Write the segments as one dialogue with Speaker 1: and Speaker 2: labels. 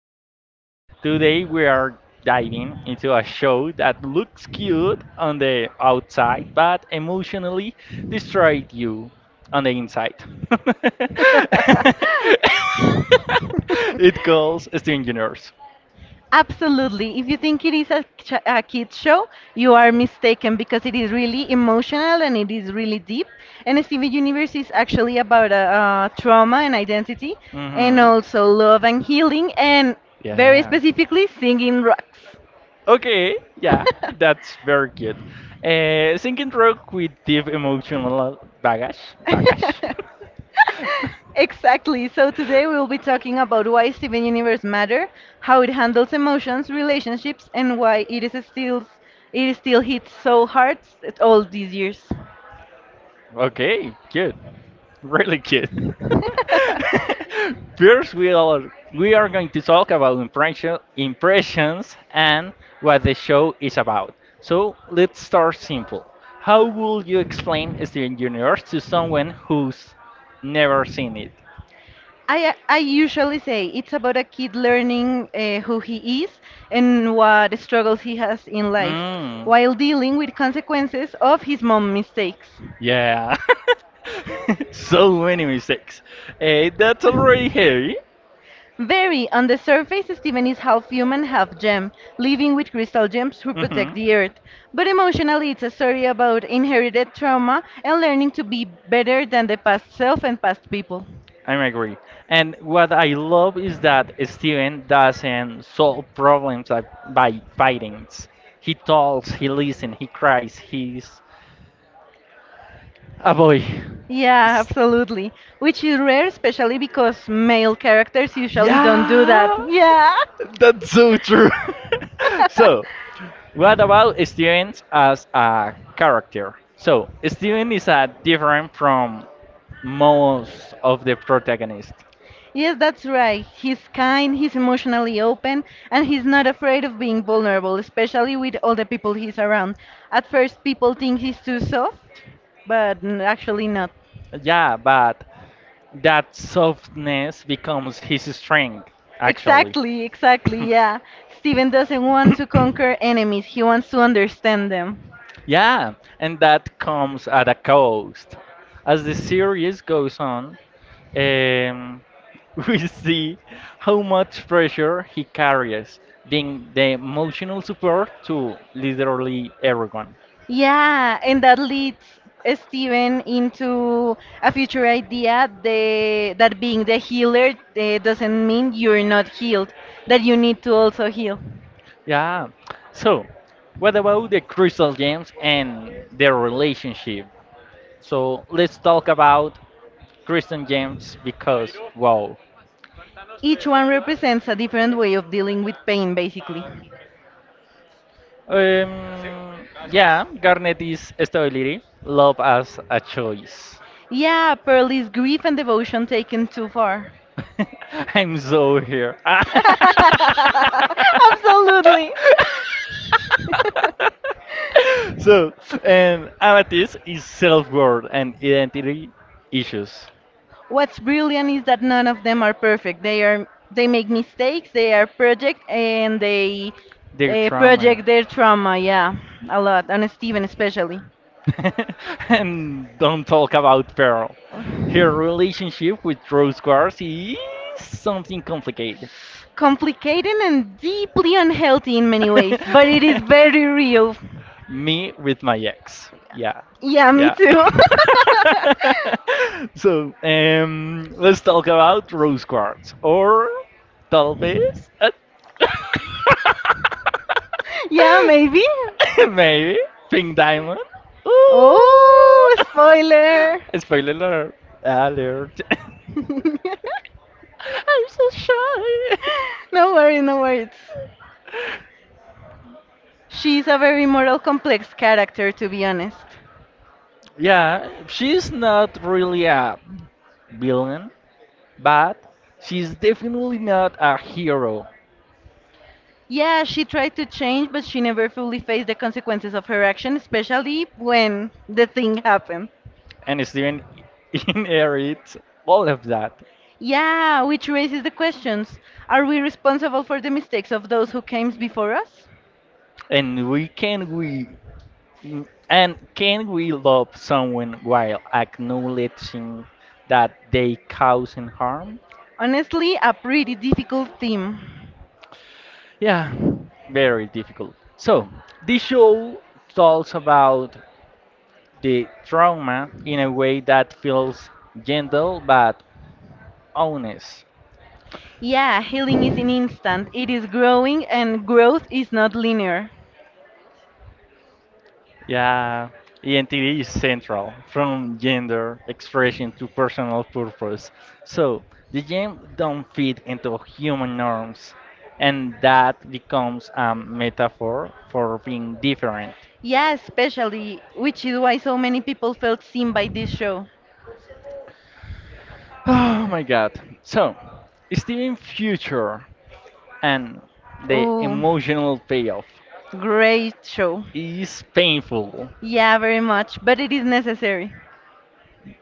Speaker 1: the podcast. Today, we are diving into a show that looks cute on the outside but emotionally destroys you on the inside. it calls Stingers.
Speaker 2: Absolutely. If you think it is a kids show, you are mistaken because it is really emotional and it is really deep. And Steven Universe is actually about trauma and identity, and
Speaker 1: Mm-hmm.
Speaker 2: also love and healing, and very
Speaker 1: Yeah.
Speaker 2: specifically singing rocks.
Speaker 1: Okay, yeah, that's very cute. Sinking Rock with deep emotional baggage.
Speaker 2: Exactly. So today we will be talking about why Steven Universe matter, how it handles emotions, relationships, and why it is still hits so hard at all these years.
Speaker 1: okay, good. Really cute. First, we are going to talk about impressions and what the show is about. So, let's start simple. How would you explain Steven Universe to someone who's never seen it?
Speaker 2: I usually say it's about a kid learning who he is and what struggles he has in life,
Speaker 1: Mm,
Speaker 2: while dealing with consequences of his mom mistakes.
Speaker 1: yeah. So many mistakes. Eh, that's already heavy.
Speaker 2: Very. On the surface, Steven is half human, half gem, living with crystal gems who
Speaker 1: Hmm.
Speaker 2: protect the earth. But emotionally, it's a story about inherited trauma and learning to be better than the past self and past people.
Speaker 1: I agree. And what I love is that Steven doesn't solve problems by fighting. He talks, he listens, he cries, he's a boy.
Speaker 2: Yeah,
Speaker 1: S-
Speaker 2: absolutely. Which is rare, especially because male characters usually don't do that.
Speaker 1: Yeah!
Speaker 2: Yeah.
Speaker 1: That's so true. So, what about Steven as a character? So, Steven is different from most of the protagonists.
Speaker 2: Yes, that's right. He's kind, he's emotionally open, and he's not afraid of being vulnerable, especially with all the people he's around. At first, people think he's too soft, but actually not.
Speaker 1: Yeah, but that softness becomes his strength, actually.
Speaker 2: Exactly, exactly, yeah. Steven doesn't want to conquer enemies, he wants to understand them.
Speaker 1: Yeah, and that comes at a cost. As the series goes on, um, we see how much pressure he carries, being the emotional support to literally everyone.
Speaker 2: Yeah, and that leads Steven into a future idea that being the healer doesn't mean you're not healed, that you need to also heal.
Speaker 1: Yeah, so what about the crystal gems and their relationship? So let's talk about crystal gems because wow.
Speaker 2: Each one represents a different way of dealing with pain, basically.
Speaker 1: Um, yeah, Garnet is stability. Love as a choice.
Speaker 2: Yeah, Pearl is grief and devotion taken too far.
Speaker 1: I'm so here.
Speaker 2: Absolutely.
Speaker 1: So, and Amethyst is self-worth and identity issues.
Speaker 2: What's brilliant is that none of them are perfect. They are they make mistakes. They are project and they
Speaker 1: Their trauma.
Speaker 2: project their trauma. Yeah, a lot on Steven especially.
Speaker 1: And don't talk about Pearl. Her relationship with Rose Quartz is something complicated.
Speaker 2: Complicated and deeply unhealthy in many ways, but it is very real.
Speaker 1: Me with my ex. Yeah.
Speaker 2: Yeah, me
Speaker 1: Yeah.
Speaker 2: too.
Speaker 1: So, let's talk about Rose Quartz. Or, tal vez.
Speaker 2: Yeah, maybe.
Speaker 1: Maybe Pink Diamond. Ooh.
Speaker 2: Oh, spoiler.
Speaker 1: Spoiler alert. Alert. I'm so shy.
Speaker 2: No worries, no worries. She's a very moral complex character, to be honest.
Speaker 1: Yeah, she's not really a villain, but she's definitely not a hero.
Speaker 2: Yeah, she tried to change, but she never fully faced the consequences of her action, especially when the thing happened.
Speaker 1: And Steven inherits all of that.
Speaker 2: Yeah, which raises the questions: Are we responsible for the mistakes of those who came before us?
Speaker 1: And we can we Mm, and can we love someone while acknowledging that they causing harm?
Speaker 2: Honestly, a pretty difficult theme.
Speaker 1: Yeah, very difficult. So, this show talks about the trauma in a way that feels gentle but honest.
Speaker 2: Yeah, healing is an instant. It is growing and growth is not linear.
Speaker 1: Yeah, identity is central, from gender expression to personal purpose. So the game don't fit into human norms, and that becomes a metaphor for being different.
Speaker 2: Yeah, especially, which is why so many people felt seen by this show.
Speaker 1: Oh my god. So, Steven Future and the
Speaker 2: Oh,
Speaker 1: emotional payoff
Speaker 2: great show.
Speaker 1: is painful.
Speaker 2: Yeah, very much, but it is necessary.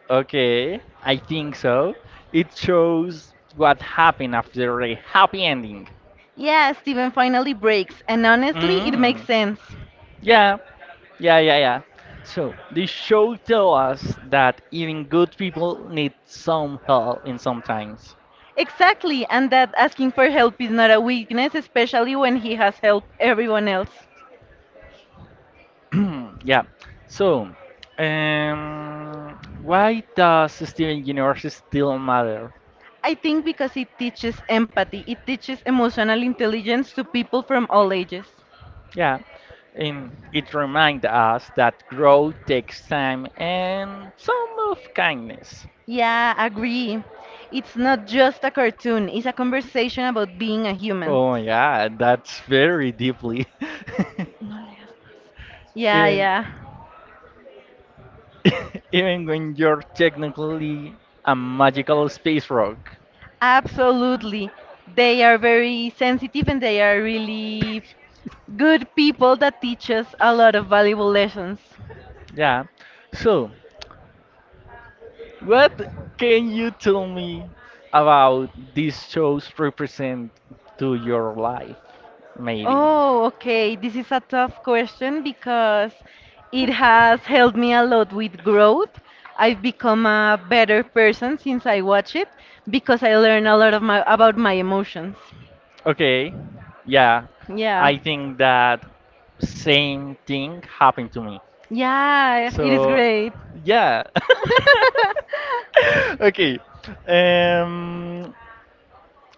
Speaker 1: Okay, I think so. It shows what happened after the happy ending.
Speaker 2: Yeah, Steven finally breaks, and honestly, it makes
Speaker 1: Mm.
Speaker 2: sense.
Speaker 1: Yeah, yeah, yeah, yeah. So the show tell us that even good people need some help in sometimes.
Speaker 2: Exactly, and that asking for help is not a weakness, especially when he has helped everyone else.
Speaker 1: Yeah. So, why does Steven Universe still matter?
Speaker 2: I think because it teaches empathy, it teaches emotional intelligence to people from all ages.
Speaker 1: Yeah, and it reminds us that growth takes time and some of kindness.
Speaker 2: Yeah, agree. It's not just a cartoon, it's a conversation about being a human.
Speaker 1: Oh yeah, that's very deeply.
Speaker 2: No le. Yeah,
Speaker 1: Even.
Speaker 2: yeah.
Speaker 1: Even when you're technically a magical space rock.
Speaker 2: Absolutely. They are very sensitive and they are really good people that teach us a lot of valuable lessons.
Speaker 1: Yeah. So, what can you tell me about these shows represent to your life? Maybe.
Speaker 2: Oh, okay. This is a tough question because it has helped me a lot with growth. I've become a better person since I watch it because I learn a lot of my about my emotions.
Speaker 1: Okay. Yeah.
Speaker 2: Yeah.
Speaker 1: I think that same thing happened to me.
Speaker 2: Yeah, it is
Speaker 1: So,
Speaker 2: great.
Speaker 1: yeah. Okay. Um,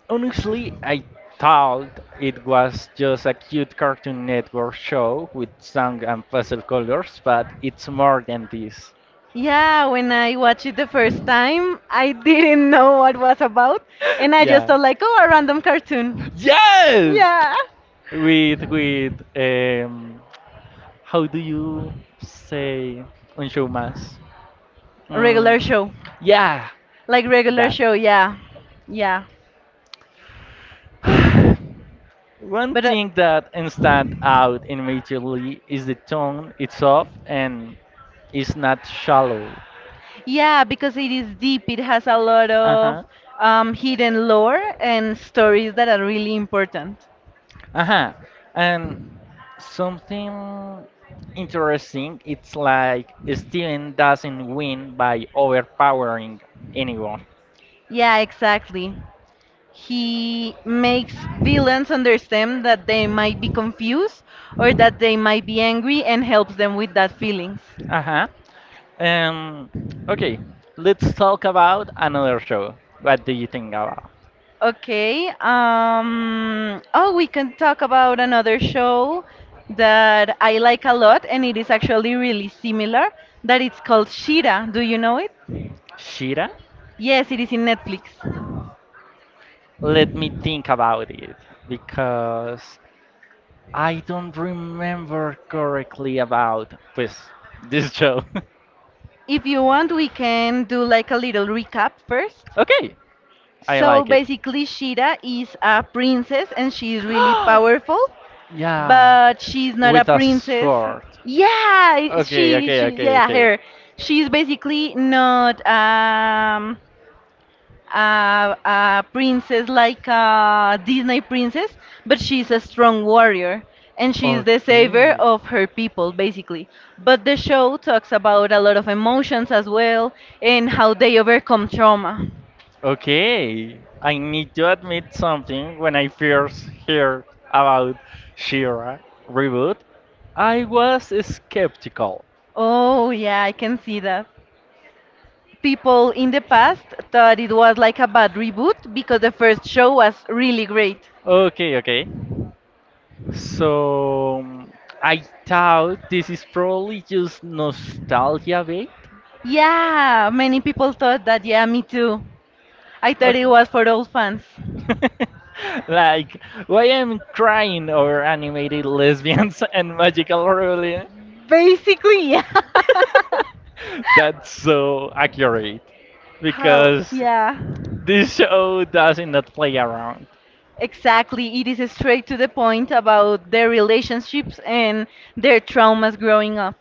Speaker 1: Honestly, I thought it was just a cute Cartoon Network show with song and pastel colors, but it's more than this.
Speaker 2: Yeah, when I watched it the first time, I didn't know what was about, and I just
Speaker 1: Yeah.
Speaker 2: thought like, oh, a random cartoon,
Speaker 1: Yes!
Speaker 2: yeah.
Speaker 1: With how do you say on showmas? Mm,
Speaker 2: Regular show,
Speaker 1: yeah,
Speaker 2: like regular
Speaker 1: that.
Speaker 2: show. Yeah, yeah,
Speaker 1: One
Speaker 2: but
Speaker 1: thing that stands out immediately is the tone, it's soft and it's not shallow.
Speaker 2: yeah, because it is deep. It has a lot
Speaker 1: Uh
Speaker 2: of
Speaker 1: huh.
Speaker 2: hidden lore and stories that are really important.
Speaker 1: Uh huh. And something interesting, it's like Steven doesn't win by overpowering anyone.
Speaker 2: Yeah, exactly. He makes villains understand that they might be confused or that they might be angry and helps them with that feelings.
Speaker 1: Uh huh. Um, okay, let's talk about another show. What do you think about?
Speaker 2: Okay. Oh, we can talk about another show that I like a lot, and it is actually really similar. That it's called Shira. Do you know it?
Speaker 1: Shira?
Speaker 2: Yes, it is in Netflix.
Speaker 1: Let me think about it because I don't remember correctly about pues, this show.
Speaker 2: If you want, we can do like a little recap first.
Speaker 1: Okay, I
Speaker 2: So
Speaker 1: like it.
Speaker 2: basically, Shira is a princess and she is really powerful,
Speaker 1: Yeah,
Speaker 2: but she's not a
Speaker 1: with a
Speaker 2: princess.
Speaker 1: sword.
Speaker 2: Yeah,
Speaker 1: Okay, okay,
Speaker 2: she
Speaker 1: okay,
Speaker 2: yeah
Speaker 1: okay.
Speaker 2: her. She's basically not a princess like a Disney princess, but she's a strong warrior and she's the savior
Speaker 1: Okay.
Speaker 2: of her people basically. But the show talks about a lot of emotions as well and how they overcome trauma.
Speaker 1: It's okay. I need to admit something. When I first heard about Shira reboot, I was skeptical.
Speaker 2: Oh yeah, I can see that. People in the past thought it was like a bad reboot because the first show was really great.
Speaker 1: Okay, okay. So I thought this is probably just nostalgia bait.
Speaker 2: Yeah, many people thought that. Yeah, me too. I thought it
Speaker 1: Okay.
Speaker 2: was for old fans.
Speaker 1: Like, why I'm crying over animated lesbians and magical ruling?
Speaker 2: Basically, yeah.
Speaker 1: That's so accurate
Speaker 2: How?
Speaker 1: because
Speaker 2: Yeah.
Speaker 1: this show does not play around.
Speaker 2: Exactly. It is straight to the point about their relationships and their traumas growing up.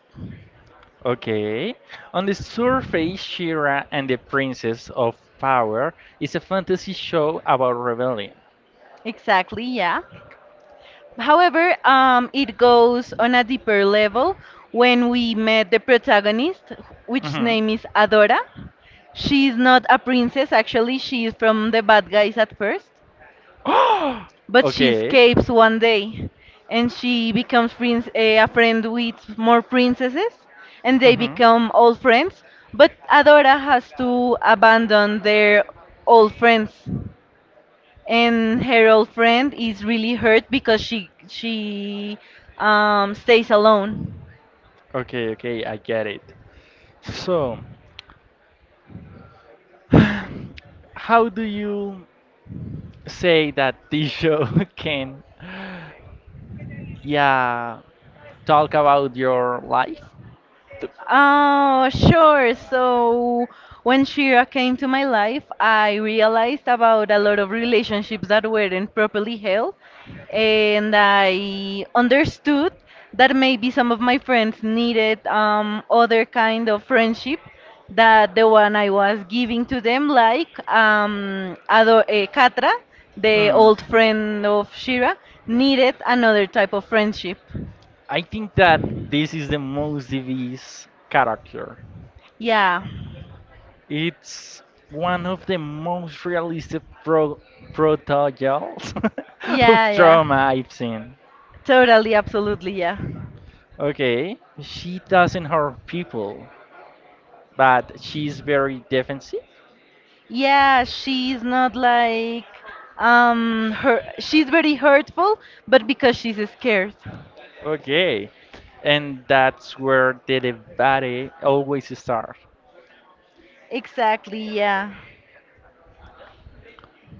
Speaker 1: Okay. On the surface, Shira and the Princess of Power is a fantasy show about rebellion.
Speaker 2: Exactly, yeah. However, it goes on a deeper level when we met the protagonist, which
Speaker 1: Mhm.
Speaker 2: name is Adora. She's not a princess, actually, she is from the bad guys at first, but she
Speaker 1: Okay.
Speaker 2: escapes one day and she becomes a friend with more princesses and they
Speaker 1: Mm-hmm.
Speaker 2: become old friends. But Adora has to abandon their old friends and her old friend is really hurt because she stays alone.
Speaker 1: Okay, okay, I get it. So, how do you say that this show can, yeah, talk about your life? The,
Speaker 2: Oh, sure. So when Shira came to my life, I realized about a lot of relationships that weren't properly held, and I understood that maybe some of my friends needed other kind of friendship that the one I was giving to them, like Katra, the
Speaker 1: mm,
Speaker 2: old friend of Shira, needed another type of friendship.
Speaker 1: I think that this is the most devious character.
Speaker 2: Yeah,
Speaker 1: It's one of the most realistic prototypes
Speaker 2: yeah,
Speaker 1: of trauma
Speaker 2: yeah.
Speaker 1: I've seen.
Speaker 2: Totally, absolutely, yeah.
Speaker 1: Okay, she doesn't hurt people, but she's very defensive.
Speaker 2: Yeah, she's not like her she's very hurtful, but because she's scared.
Speaker 1: Okay, and that's where the debate always starts.
Speaker 2: Exactly, yeah.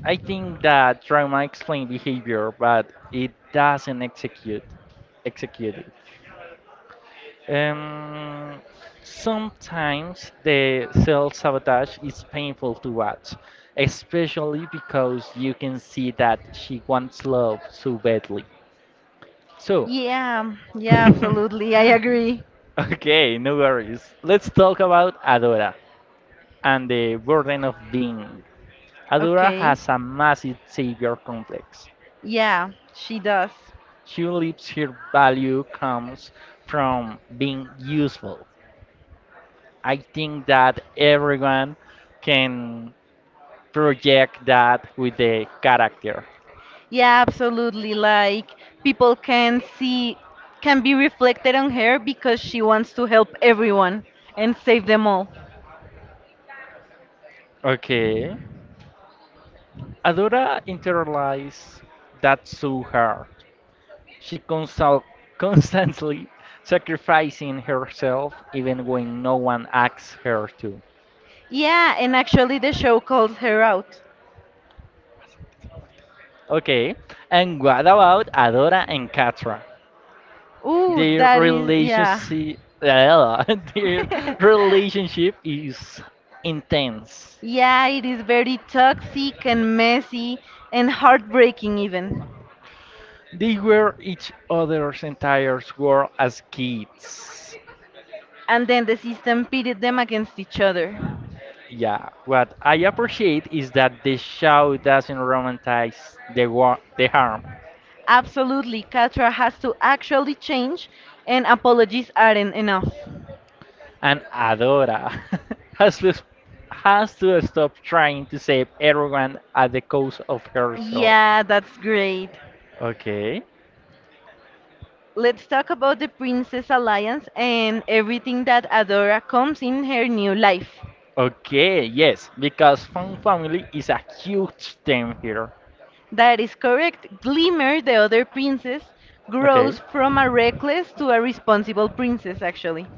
Speaker 1: I think that trauma explains behavior, but it doesn't execute it. Um, sometimes the self sabotage is painful to watch, especially because you can see that she wants love so badly. So,
Speaker 2: Yeah, yeah, absolutely. I agree.
Speaker 1: okay, no worries. Let's talk about Adora and the burden of being. Adora
Speaker 2: Okay.
Speaker 1: has a massive savior complex.
Speaker 2: Yeah, she does.
Speaker 1: She believes her value comes from being useful. I think that everyone can project that with the character.
Speaker 2: Yeah, absolutely. Like people can see can be reflected on her because she wants to help everyone and save them all.
Speaker 1: Okay. Adora internalize that so hard. She constantly sacrificing herself even when no one asks her to.
Speaker 2: Yeah, and actually the show calls her out.
Speaker 1: Okay. And what about Adora and Katra?
Speaker 2: Ooh,
Speaker 1: Their
Speaker 2: that is yeah.
Speaker 1: relationship their relationship is intense.
Speaker 2: Yeah, it is very toxic and messy and heartbreaking, even.
Speaker 1: They were each other's entire world as kids.
Speaker 2: And then the system pitted them against each other.
Speaker 1: Yeah, what I appreciate is that the show doesn't romanticize the war, the harm,
Speaker 2: Absolutely, Katra has to actually change, and apologies aren't enough.
Speaker 1: and Adora has to, has to stop trying to save everyone at the cost of herself.
Speaker 2: Yeah, that's great.
Speaker 1: Okay,
Speaker 2: Let's talk about the Princess Alliance and everything that Adora comes in her new life.
Speaker 1: okay, yes, because Fun Family is a huge theme here.
Speaker 2: That is correct. Glimmer, the other princess,
Speaker 1: Okay.
Speaker 2: grows from a reckless to a responsible princess, actually.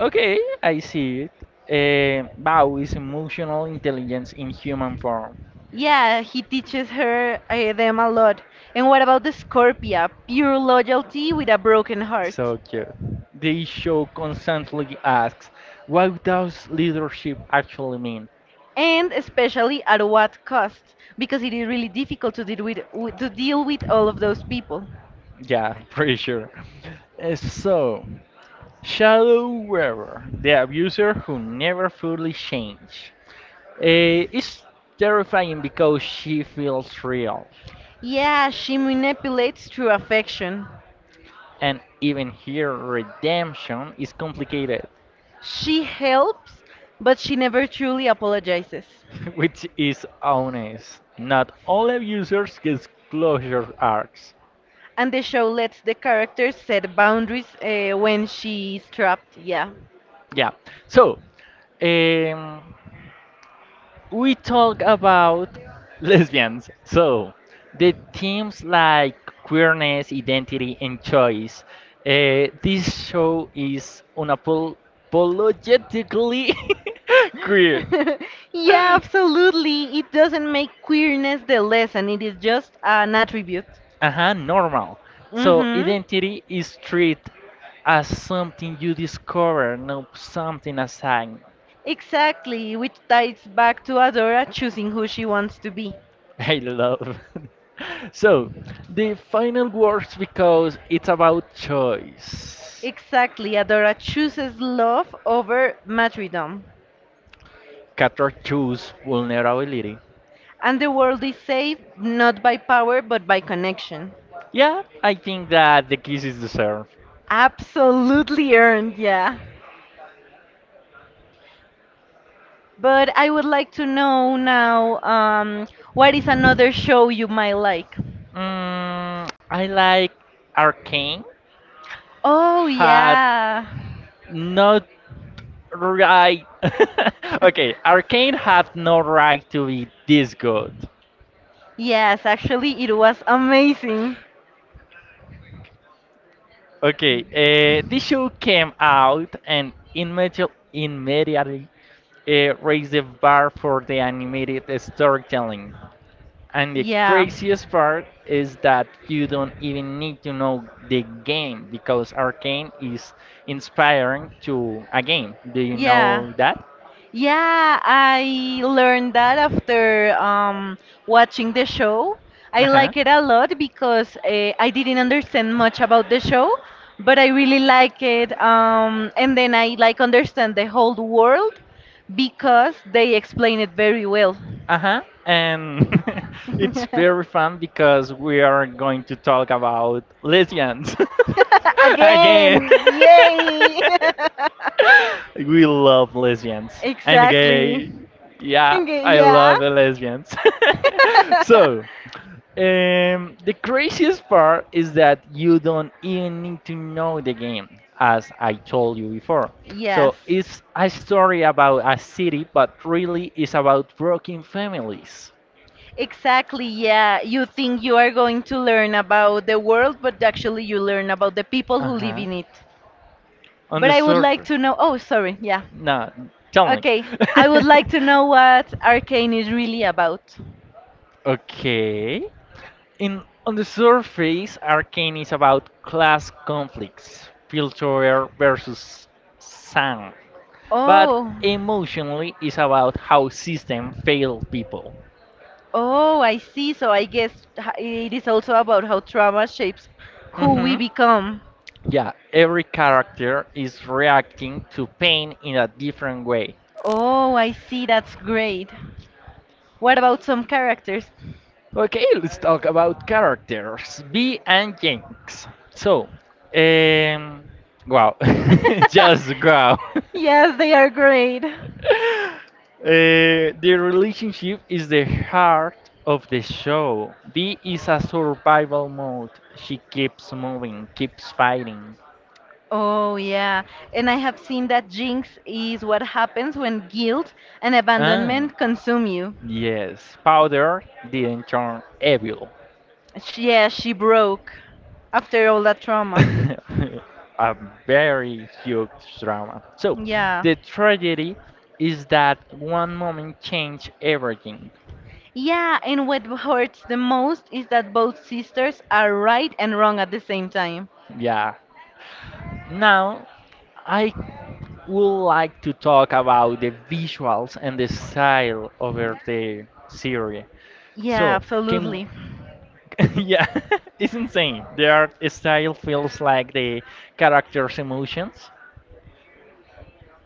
Speaker 1: Okay, I see it. Eh, Bao is emotional intelligence in human form.
Speaker 2: Yeah, he teaches her them a lot. And what about the Scorpia? Pure loyalty with a broken heart.
Speaker 1: So cute. The show constantly asks, what does leadership actually mean?
Speaker 2: And especially at what cost? Because it is really difficult to to deal with all of those people.
Speaker 1: Yeah, pretty sure. Eh, so, Shadow Weaver, the abuser who never fully changed, eh, is terrifying because she feels real.
Speaker 2: Yeah, she manipulates through affection.
Speaker 1: And even here, redemption is complicated.
Speaker 2: She helps, but she never truly apologizes.
Speaker 1: Which is honest. Not all app users get closure arcs.
Speaker 2: And the show lets the characters set boundaries when she's trapped. Yeah.
Speaker 1: Yeah. So, um, we talk about lesbians. So, the themes like queerness, identity, and choice. This show is unapologetically queer.
Speaker 2: Yeah, absolutely. It doesn't make queerness the lesson, it is just an attribute.
Speaker 1: Uh normal. So
Speaker 2: Mm-hmm.
Speaker 1: identity is treated as something you discover, not something assigned.
Speaker 2: Exactly, which ties back to Adora choosing who she wants to be.
Speaker 1: I love. So the final words because it's about choice.
Speaker 2: Exactly, Adora chooses love over martyrdom.
Speaker 1: Cator choose vulnerability.
Speaker 2: And the world is saved not by power but by connection.
Speaker 1: Yeah, I think that the kiss is deserved.
Speaker 2: Absolutely earned, yeah. But I would like to know now what is another show you might like?
Speaker 1: Mm, I like Arcane
Speaker 2: Oh,
Speaker 1: had
Speaker 2: yeah.
Speaker 1: not right. Okay, Arcane had no right to be this good.
Speaker 2: Yes, actually, it was amazing.
Speaker 1: Okay, this show came out and immediately raised the bar for the animated storytelling. And the
Speaker 2: Yeah,
Speaker 1: craziest part is that you don't even need to know the game because Arcane is inspiring to a game. Do you
Speaker 2: yeah,
Speaker 1: know that?
Speaker 2: yeah. I learned that after watching the show. I
Speaker 1: Uh huh.
Speaker 2: like it a lot because I didn't understand much about the show, but I really like it. And then I like understand the whole world because they explain it very well.
Speaker 1: Uh-huh. And it's very fun because we are going to talk about lesbians again.
Speaker 2: Again, yay!
Speaker 1: We love lesbians. I'm
Speaker 2: Exactly.
Speaker 1: gay. Yeah,
Speaker 2: Okay,
Speaker 1: I
Speaker 2: yeah.
Speaker 1: love the lesbians. So, the craziest part is that you don't even need to know the game, as I told you before.
Speaker 2: Yes.
Speaker 1: So, it's a story about a city, but really it's about broken families.
Speaker 2: Exactly. Yeah. You think you are going to learn about the world, but actually you learn about the people
Speaker 1: Uh
Speaker 2: who live
Speaker 1: huh.
Speaker 2: in it.
Speaker 1: On
Speaker 2: But
Speaker 1: the
Speaker 2: I would like
Speaker 1: surface.
Speaker 2: to know. Oh, sorry. Yeah.
Speaker 1: No, tell me.
Speaker 2: Okay. I would like to know what Arcane is really about.
Speaker 1: Okay. In on the surface, Arcane is about class conflicts, filter versus sound, but
Speaker 2: Oh.
Speaker 1: emotionally, it's about how system fail people.
Speaker 2: Oh, I see. So I guess it is also about how trauma shapes who we
Speaker 1: Hmm.
Speaker 2: become.
Speaker 1: Yeah, every character is reacting to pain in a different way.
Speaker 2: Oh, I see. That's great. What about some characters?
Speaker 1: Okay, let's talk about characters. B and Jinx. So, um, wow, just wow.
Speaker 2: Yes, they are great.
Speaker 1: The relationship is the heart of the show. B is a survival mode. She keeps moving, keeps fighting.
Speaker 2: Oh, yeah. And I have seen that jinx is what happens when guilt and
Speaker 1: Ah,
Speaker 2: abandonment consume you.
Speaker 1: yes, powder didn't turn evil.
Speaker 2: She broke after all that trauma.
Speaker 1: A very huge drama. So,
Speaker 2: Yeah.
Speaker 1: the tragedy is that one moment changed everything.
Speaker 2: Yeah, and what hurts the most is that both sisters are right and wrong at the same time.
Speaker 1: Yeah. Now, I would like to talk about the visuals and the style of the series.
Speaker 2: Yeah,
Speaker 1: So, can
Speaker 2: absolutely.
Speaker 1: yeah, it's insane. The art style feels like the character's emotions.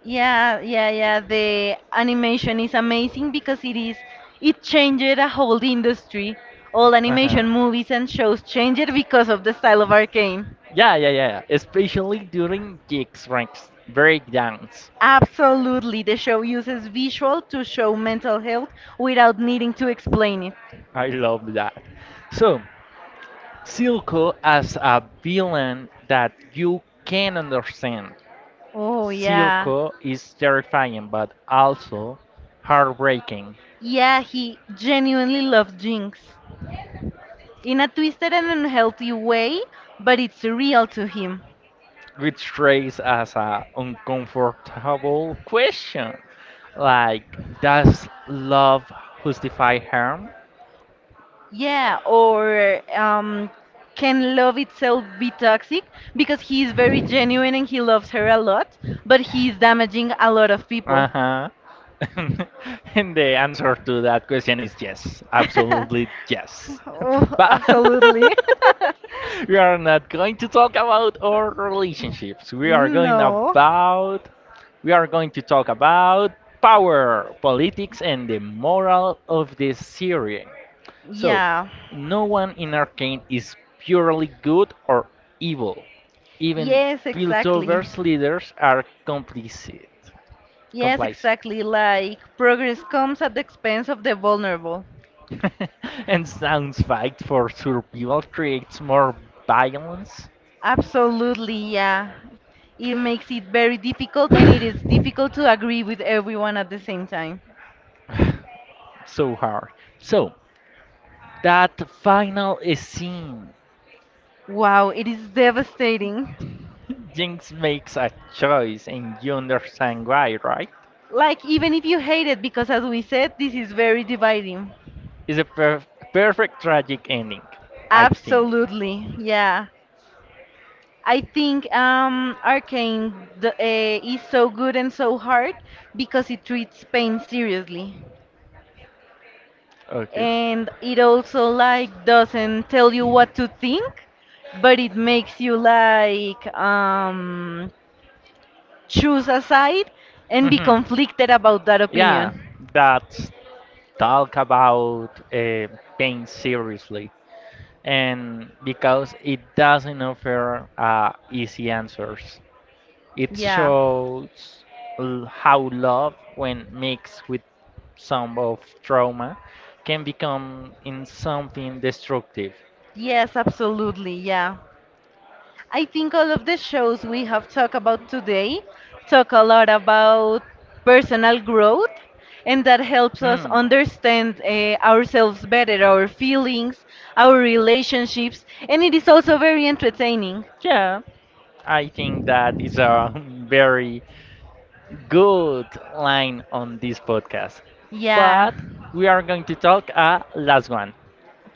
Speaker 2: Yeah, yeah, yeah. The animation is amazing because it changed a whole industry. All
Speaker 1: Uh huh.
Speaker 2: animation movies and shows changed because of the style of Arcane.
Speaker 1: Yeah, yeah, yeah. Especially during gigs, ranks breakdowns.
Speaker 2: Absolutely, the show uses visual to show mental health without needing to explain it.
Speaker 1: I love that. So, Silco as a villain that you can understand.
Speaker 2: Oh yeah.
Speaker 1: Silco is terrifying but also heartbreaking.
Speaker 2: Yeah, he genuinely loves Jinx. In a twisted and unhealthy way, but it's real to him.
Speaker 1: Which raised as a uncomfortable question. Like, does love justify harm?
Speaker 2: Yeah, or can love itself be toxic? Because he is very genuine and he loves her a lot, but he is damaging a lot of
Speaker 1: Uh
Speaker 2: people.
Speaker 1: huh. And the answer to that question is yes, absolutely yes.
Speaker 2: Oh,
Speaker 1: But
Speaker 2: absolutely.
Speaker 1: we are not going to talk about our relationships. We are going
Speaker 2: No.
Speaker 1: about we are going to talk about power, politics, and the moral of this series. So,
Speaker 2: Yeah.
Speaker 1: no one in Arcane is purely good or evil. Even
Speaker 2: Yes, exactly.
Speaker 1: Piltover's leaders are complicit.
Speaker 2: Yes,
Speaker 1: Complicit.
Speaker 2: exactly. Like progress comes at the expense of the vulnerable.
Speaker 1: And sounds fight for survival creates more violence.
Speaker 2: Absolutely, yeah. It makes it very difficult and it is difficult to agree with everyone at the same time.
Speaker 1: So hard. So, that final scene
Speaker 2: Wow, it is devastating.
Speaker 1: Jinx makes a choice, and you understand why, right?
Speaker 2: Like, even if you hate it, because as we said, this is very dividing.
Speaker 1: It's a perfect tragic ending, I think.
Speaker 2: Absolutely, yeah. I think Arcane is so good and so hard because it treats pain seriously,
Speaker 1: Okay.
Speaker 2: and it also like doesn't tell you what to think, but it makes you like choose a side and be
Speaker 1: Mhm.
Speaker 2: conflicted about that
Speaker 1: Yeah,
Speaker 2: opinion.
Speaker 1: that's talk about pain seriously, and because it doesn't offer easy answers. It
Speaker 2: Yeah.
Speaker 1: shows how love, when mixed with some of trauma, can become in something destructive.
Speaker 2: Yes, absolutely. Yeah. I think all of the shows we have talked about today talk a lot about personal growth, and that helps us
Speaker 1: Hmm.
Speaker 2: understand ourselves better, our feelings, our relationships, and it is also very entertaining.
Speaker 1: Yeah, I think that is a very good line on this podcast.
Speaker 2: Yeah,
Speaker 1: But we are going to talk a last one.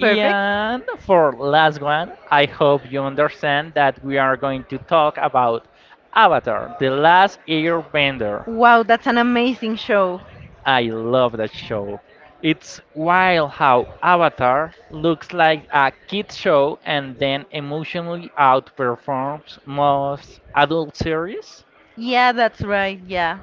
Speaker 2: perfect.
Speaker 1: for last one, I hope you understand that we are going to talk about Avatar, The Last Airbender.
Speaker 2: Wow, that's an amazing show.
Speaker 1: I love that show. It's wild how Avatar looks like a kid show and then emotionally outperforms most adult series.
Speaker 2: Yeah, that's right. Yeah.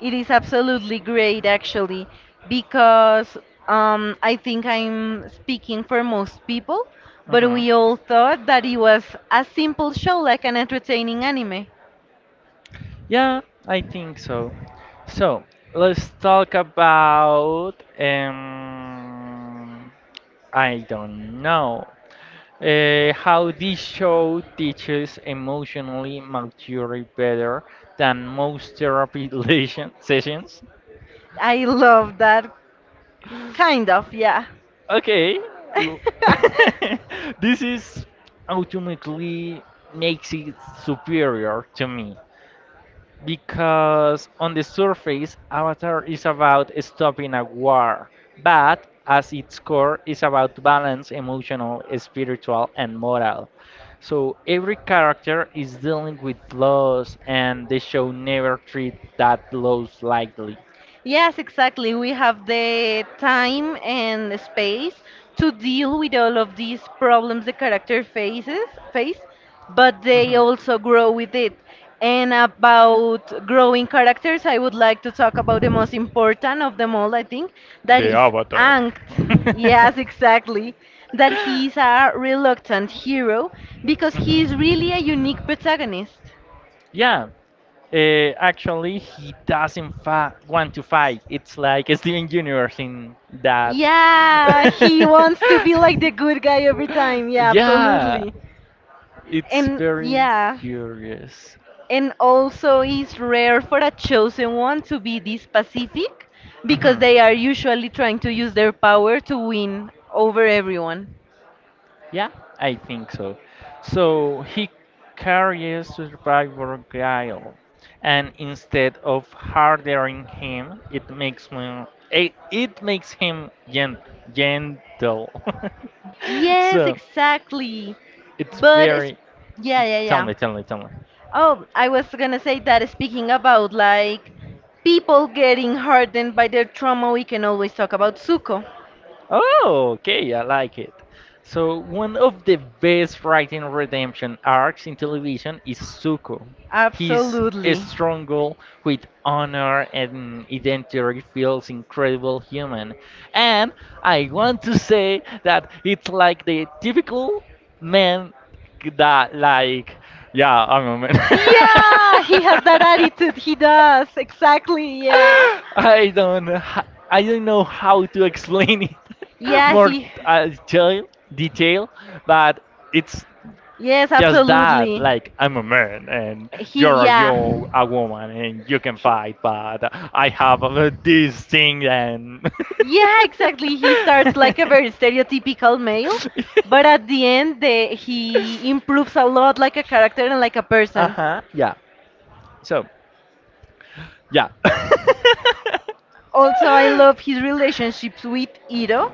Speaker 2: It is absolutely great, actually, because I think I'm speaking for most people, but
Speaker 1: Hmm.
Speaker 2: we all thought that it was a simple show, like an entertaining anime.
Speaker 1: Yeah, I think so. So let's talk about I don't know how this show teaches emotionally maturity better than most therapy sessions.
Speaker 2: I love that, kind of, yeah.
Speaker 1: Okay. w- this is ultimately makes it superior to me because on the surface Avatar is about stopping a war, but as its core is about balance, emotional, spiritual and moral. So every character is dealing with loss and the show never treats that loss lightly.
Speaker 2: Yes, exactly. We have the time and the space to deal with all of these problems the character face, but they also grow with it. And about growing characters, I would like to talk about the most important of them all, I think,
Speaker 1: It. And
Speaker 2: that
Speaker 1: De
Speaker 2: is
Speaker 1: Avatar.
Speaker 2: Ankh. Yes, exactly. That he's a reluctant hero because he is really a unique protagonist.
Speaker 1: Yeah, uh, actually, he doesn't fa want to fight. It's like Steven Universe in that.
Speaker 2: Yeah, he wants to be like the good guy every time. Yeah,
Speaker 1: Yeah,
Speaker 2: absolutely.
Speaker 1: it's
Speaker 2: And
Speaker 1: very
Speaker 2: yeah,
Speaker 1: curious.
Speaker 2: and also it's rare for a chosen one to be this pacific because
Speaker 1: Mhm.
Speaker 2: they are usually trying to use their power to win over everyone.
Speaker 1: Yeah, I think so. So he carries Survivor Guile, and instead of hardering him, it makes him, it makes him gentle.
Speaker 2: Yes,
Speaker 1: So
Speaker 2: exactly.
Speaker 1: it's
Speaker 2: But it's,
Speaker 1: very.
Speaker 2: yeah, yeah,
Speaker 1: Tell
Speaker 2: yeah.
Speaker 1: me, tell me, tell me.
Speaker 2: Oh, I was gonna say that speaking about like people getting hardened by their trauma, we can always talk about Zuko.
Speaker 1: Oh, okay, I like it. So, one of the best writing redemption arcs in television is Zuko. His
Speaker 2: Absolutely.
Speaker 1: struggle with honor and identity feels incredible human. And I want to say that it's like the typical man that, like, yeah, I'm a man.
Speaker 2: Yeah, he has that attitude. He does. Exactly. Yeah.
Speaker 1: I don't ha- I don't know how to explain it
Speaker 2: Yeah,
Speaker 1: more
Speaker 2: he.
Speaker 1: detail, but it's
Speaker 2: Yes,
Speaker 1: just that
Speaker 2: absolutely.
Speaker 1: like I'm a man and
Speaker 2: He,
Speaker 1: you're
Speaker 2: yeah.
Speaker 1: you a woman and you can
Speaker 2: He,
Speaker 1: fight, but I have this thing and
Speaker 2: yeah, exactly. He starts like a very stereotypical male, but at the end, he improves a lot like a character and like a
Speaker 1: uh
Speaker 2: person.
Speaker 1: huh. Yeah. So yeah.
Speaker 2: Also, I love his relationships with Ito.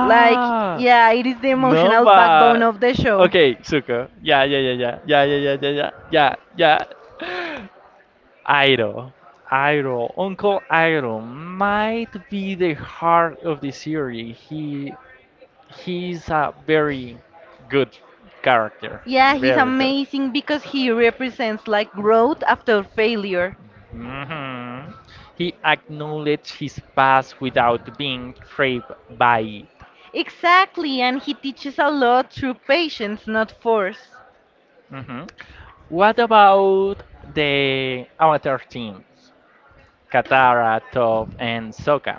Speaker 2: Like, yeah, it is the
Speaker 1: No,
Speaker 2: emotional backbone
Speaker 1: but
Speaker 2: of the show.
Speaker 1: okay, Zuko. Yeah, yeah, yeah, yeah, yeah, yeah, yeah, yeah, yeah, yeah, yeah. Iroh, Iroh, Uncle Iroh might be the heart of the series. He's a very good character,
Speaker 2: Yeah, he's
Speaker 1: very good.
Speaker 2: amazing because he represents like growth after failure.
Speaker 1: Mhm. He acknowledged his past without being trapped by it.
Speaker 2: Exactly, and he teaches a lot through patience, not force.
Speaker 1: Mhm. What about the Avatar teams? Katara, Toph, and Sokka.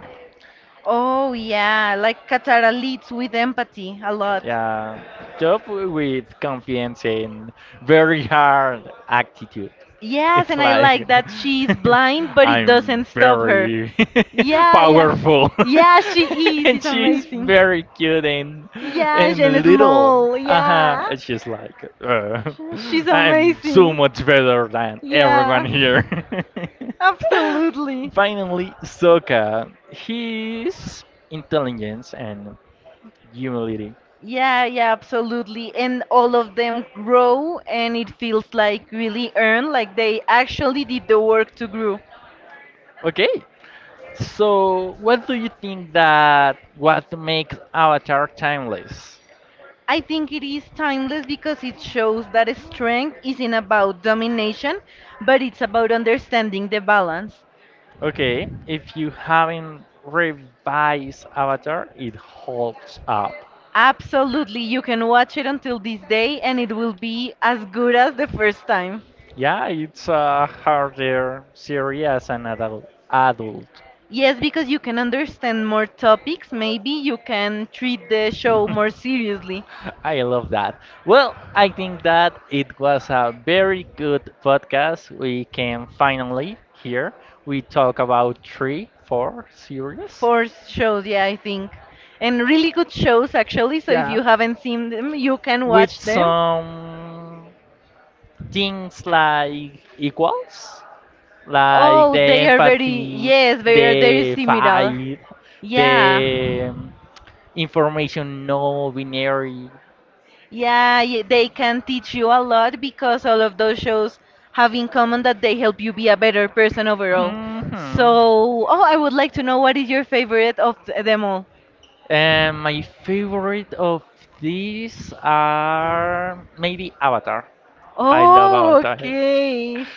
Speaker 2: Oh, yeah, like Katara leads with empathy a lot.
Speaker 1: Yeah, job with confidence and very hard attitude.
Speaker 2: Yes,
Speaker 1: It's
Speaker 2: and I like
Speaker 1: like
Speaker 2: that she's blind, but it doesn't
Speaker 1: I'm
Speaker 2: stop her.
Speaker 1: very
Speaker 2: Yeah, yeah.
Speaker 1: powerful,
Speaker 2: Yeah, she is.
Speaker 1: and
Speaker 2: It's
Speaker 1: she's
Speaker 2: amazing.
Speaker 1: very cute and
Speaker 2: And
Speaker 1: little.
Speaker 2: small.
Speaker 1: Uh huh.
Speaker 2: Yeah.
Speaker 1: And she's like,
Speaker 2: She's
Speaker 1: I'm so
Speaker 2: amazing.
Speaker 1: much better than everyone
Speaker 2: Yeah,
Speaker 1: here.
Speaker 2: absolutely.
Speaker 1: Finally, Sokka. His intelligence and humility.
Speaker 2: Yeah, yeah, absolutely. And all of them grow, and it feels like really earned, like they actually did the work to grow.
Speaker 1: Okay, so what do you think that what makes Avatar timeless?
Speaker 2: I think it is timeless because it shows that strength isn't about domination, but it's about understanding the balance.
Speaker 1: Okay, if you haven't revised Avatar, it holds up.
Speaker 2: Absolutely, you can watch it until this day, and it will be as good as the first time.
Speaker 1: Yeah, it's a harder series as an adult.
Speaker 2: Yes, because you can understand more topics, maybe you can treat the show more seriously.
Speaker 1: I love that. Well, I think that it was a very good podcast. We can finally here we talk about three, four series.
Speaker 2: Four shows, yeah, I think. And really good shows, actually. So if you
Speaker 1: Yeah,
Speaker 2: haven't seen them, you can
Speaker 1: with
Speaker 2: watch them.
Speaker 1: some things like equals, like
Speaker 2: Oh,
Speaker 1: the
Speaker 2: they are very,
Speaker 1: empathy,
Speaker 2: yes, they are very
Speaker 1: the
Speaker 2: similar.
Speaker 1: fight,
Speaker 2: Yeah.
Speaker 1: the information no binary.
Speaker 2: They can teach you a lot because all of those shows have in common that they help you be a better person overall. So,
Speaker 1: Hmm.
Speaker 2: oh, I would like to know what is your favorite of them all?
Speaker 1: And my favorite of these are maybe Avatar. I love
Speaker 2: Oh,
Speaker 1: Avatar.
Speaker 2: okay.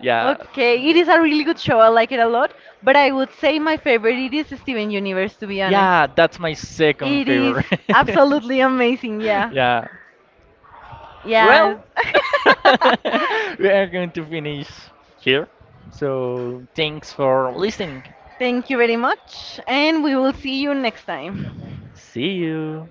Speaker 1: Yeah.
Speaker 2: Okay, it is a really good show. I like it a lot. But I would say my favorite it is Steven Universe, to be honest.
Speaker 1: Yeah, that's my second
Speaker 2: It is
Speaker 1: favorite.
Speaker 2: absolutely amazing. Yeah.
Speaker 1: Yeah.
Speaker 2: Yes.
Speaker 1: Well, we are going to finish here. So, thanks for listening.
Speaker 2: Thank you very much. And we will see you next time.
Speaker 1: See you.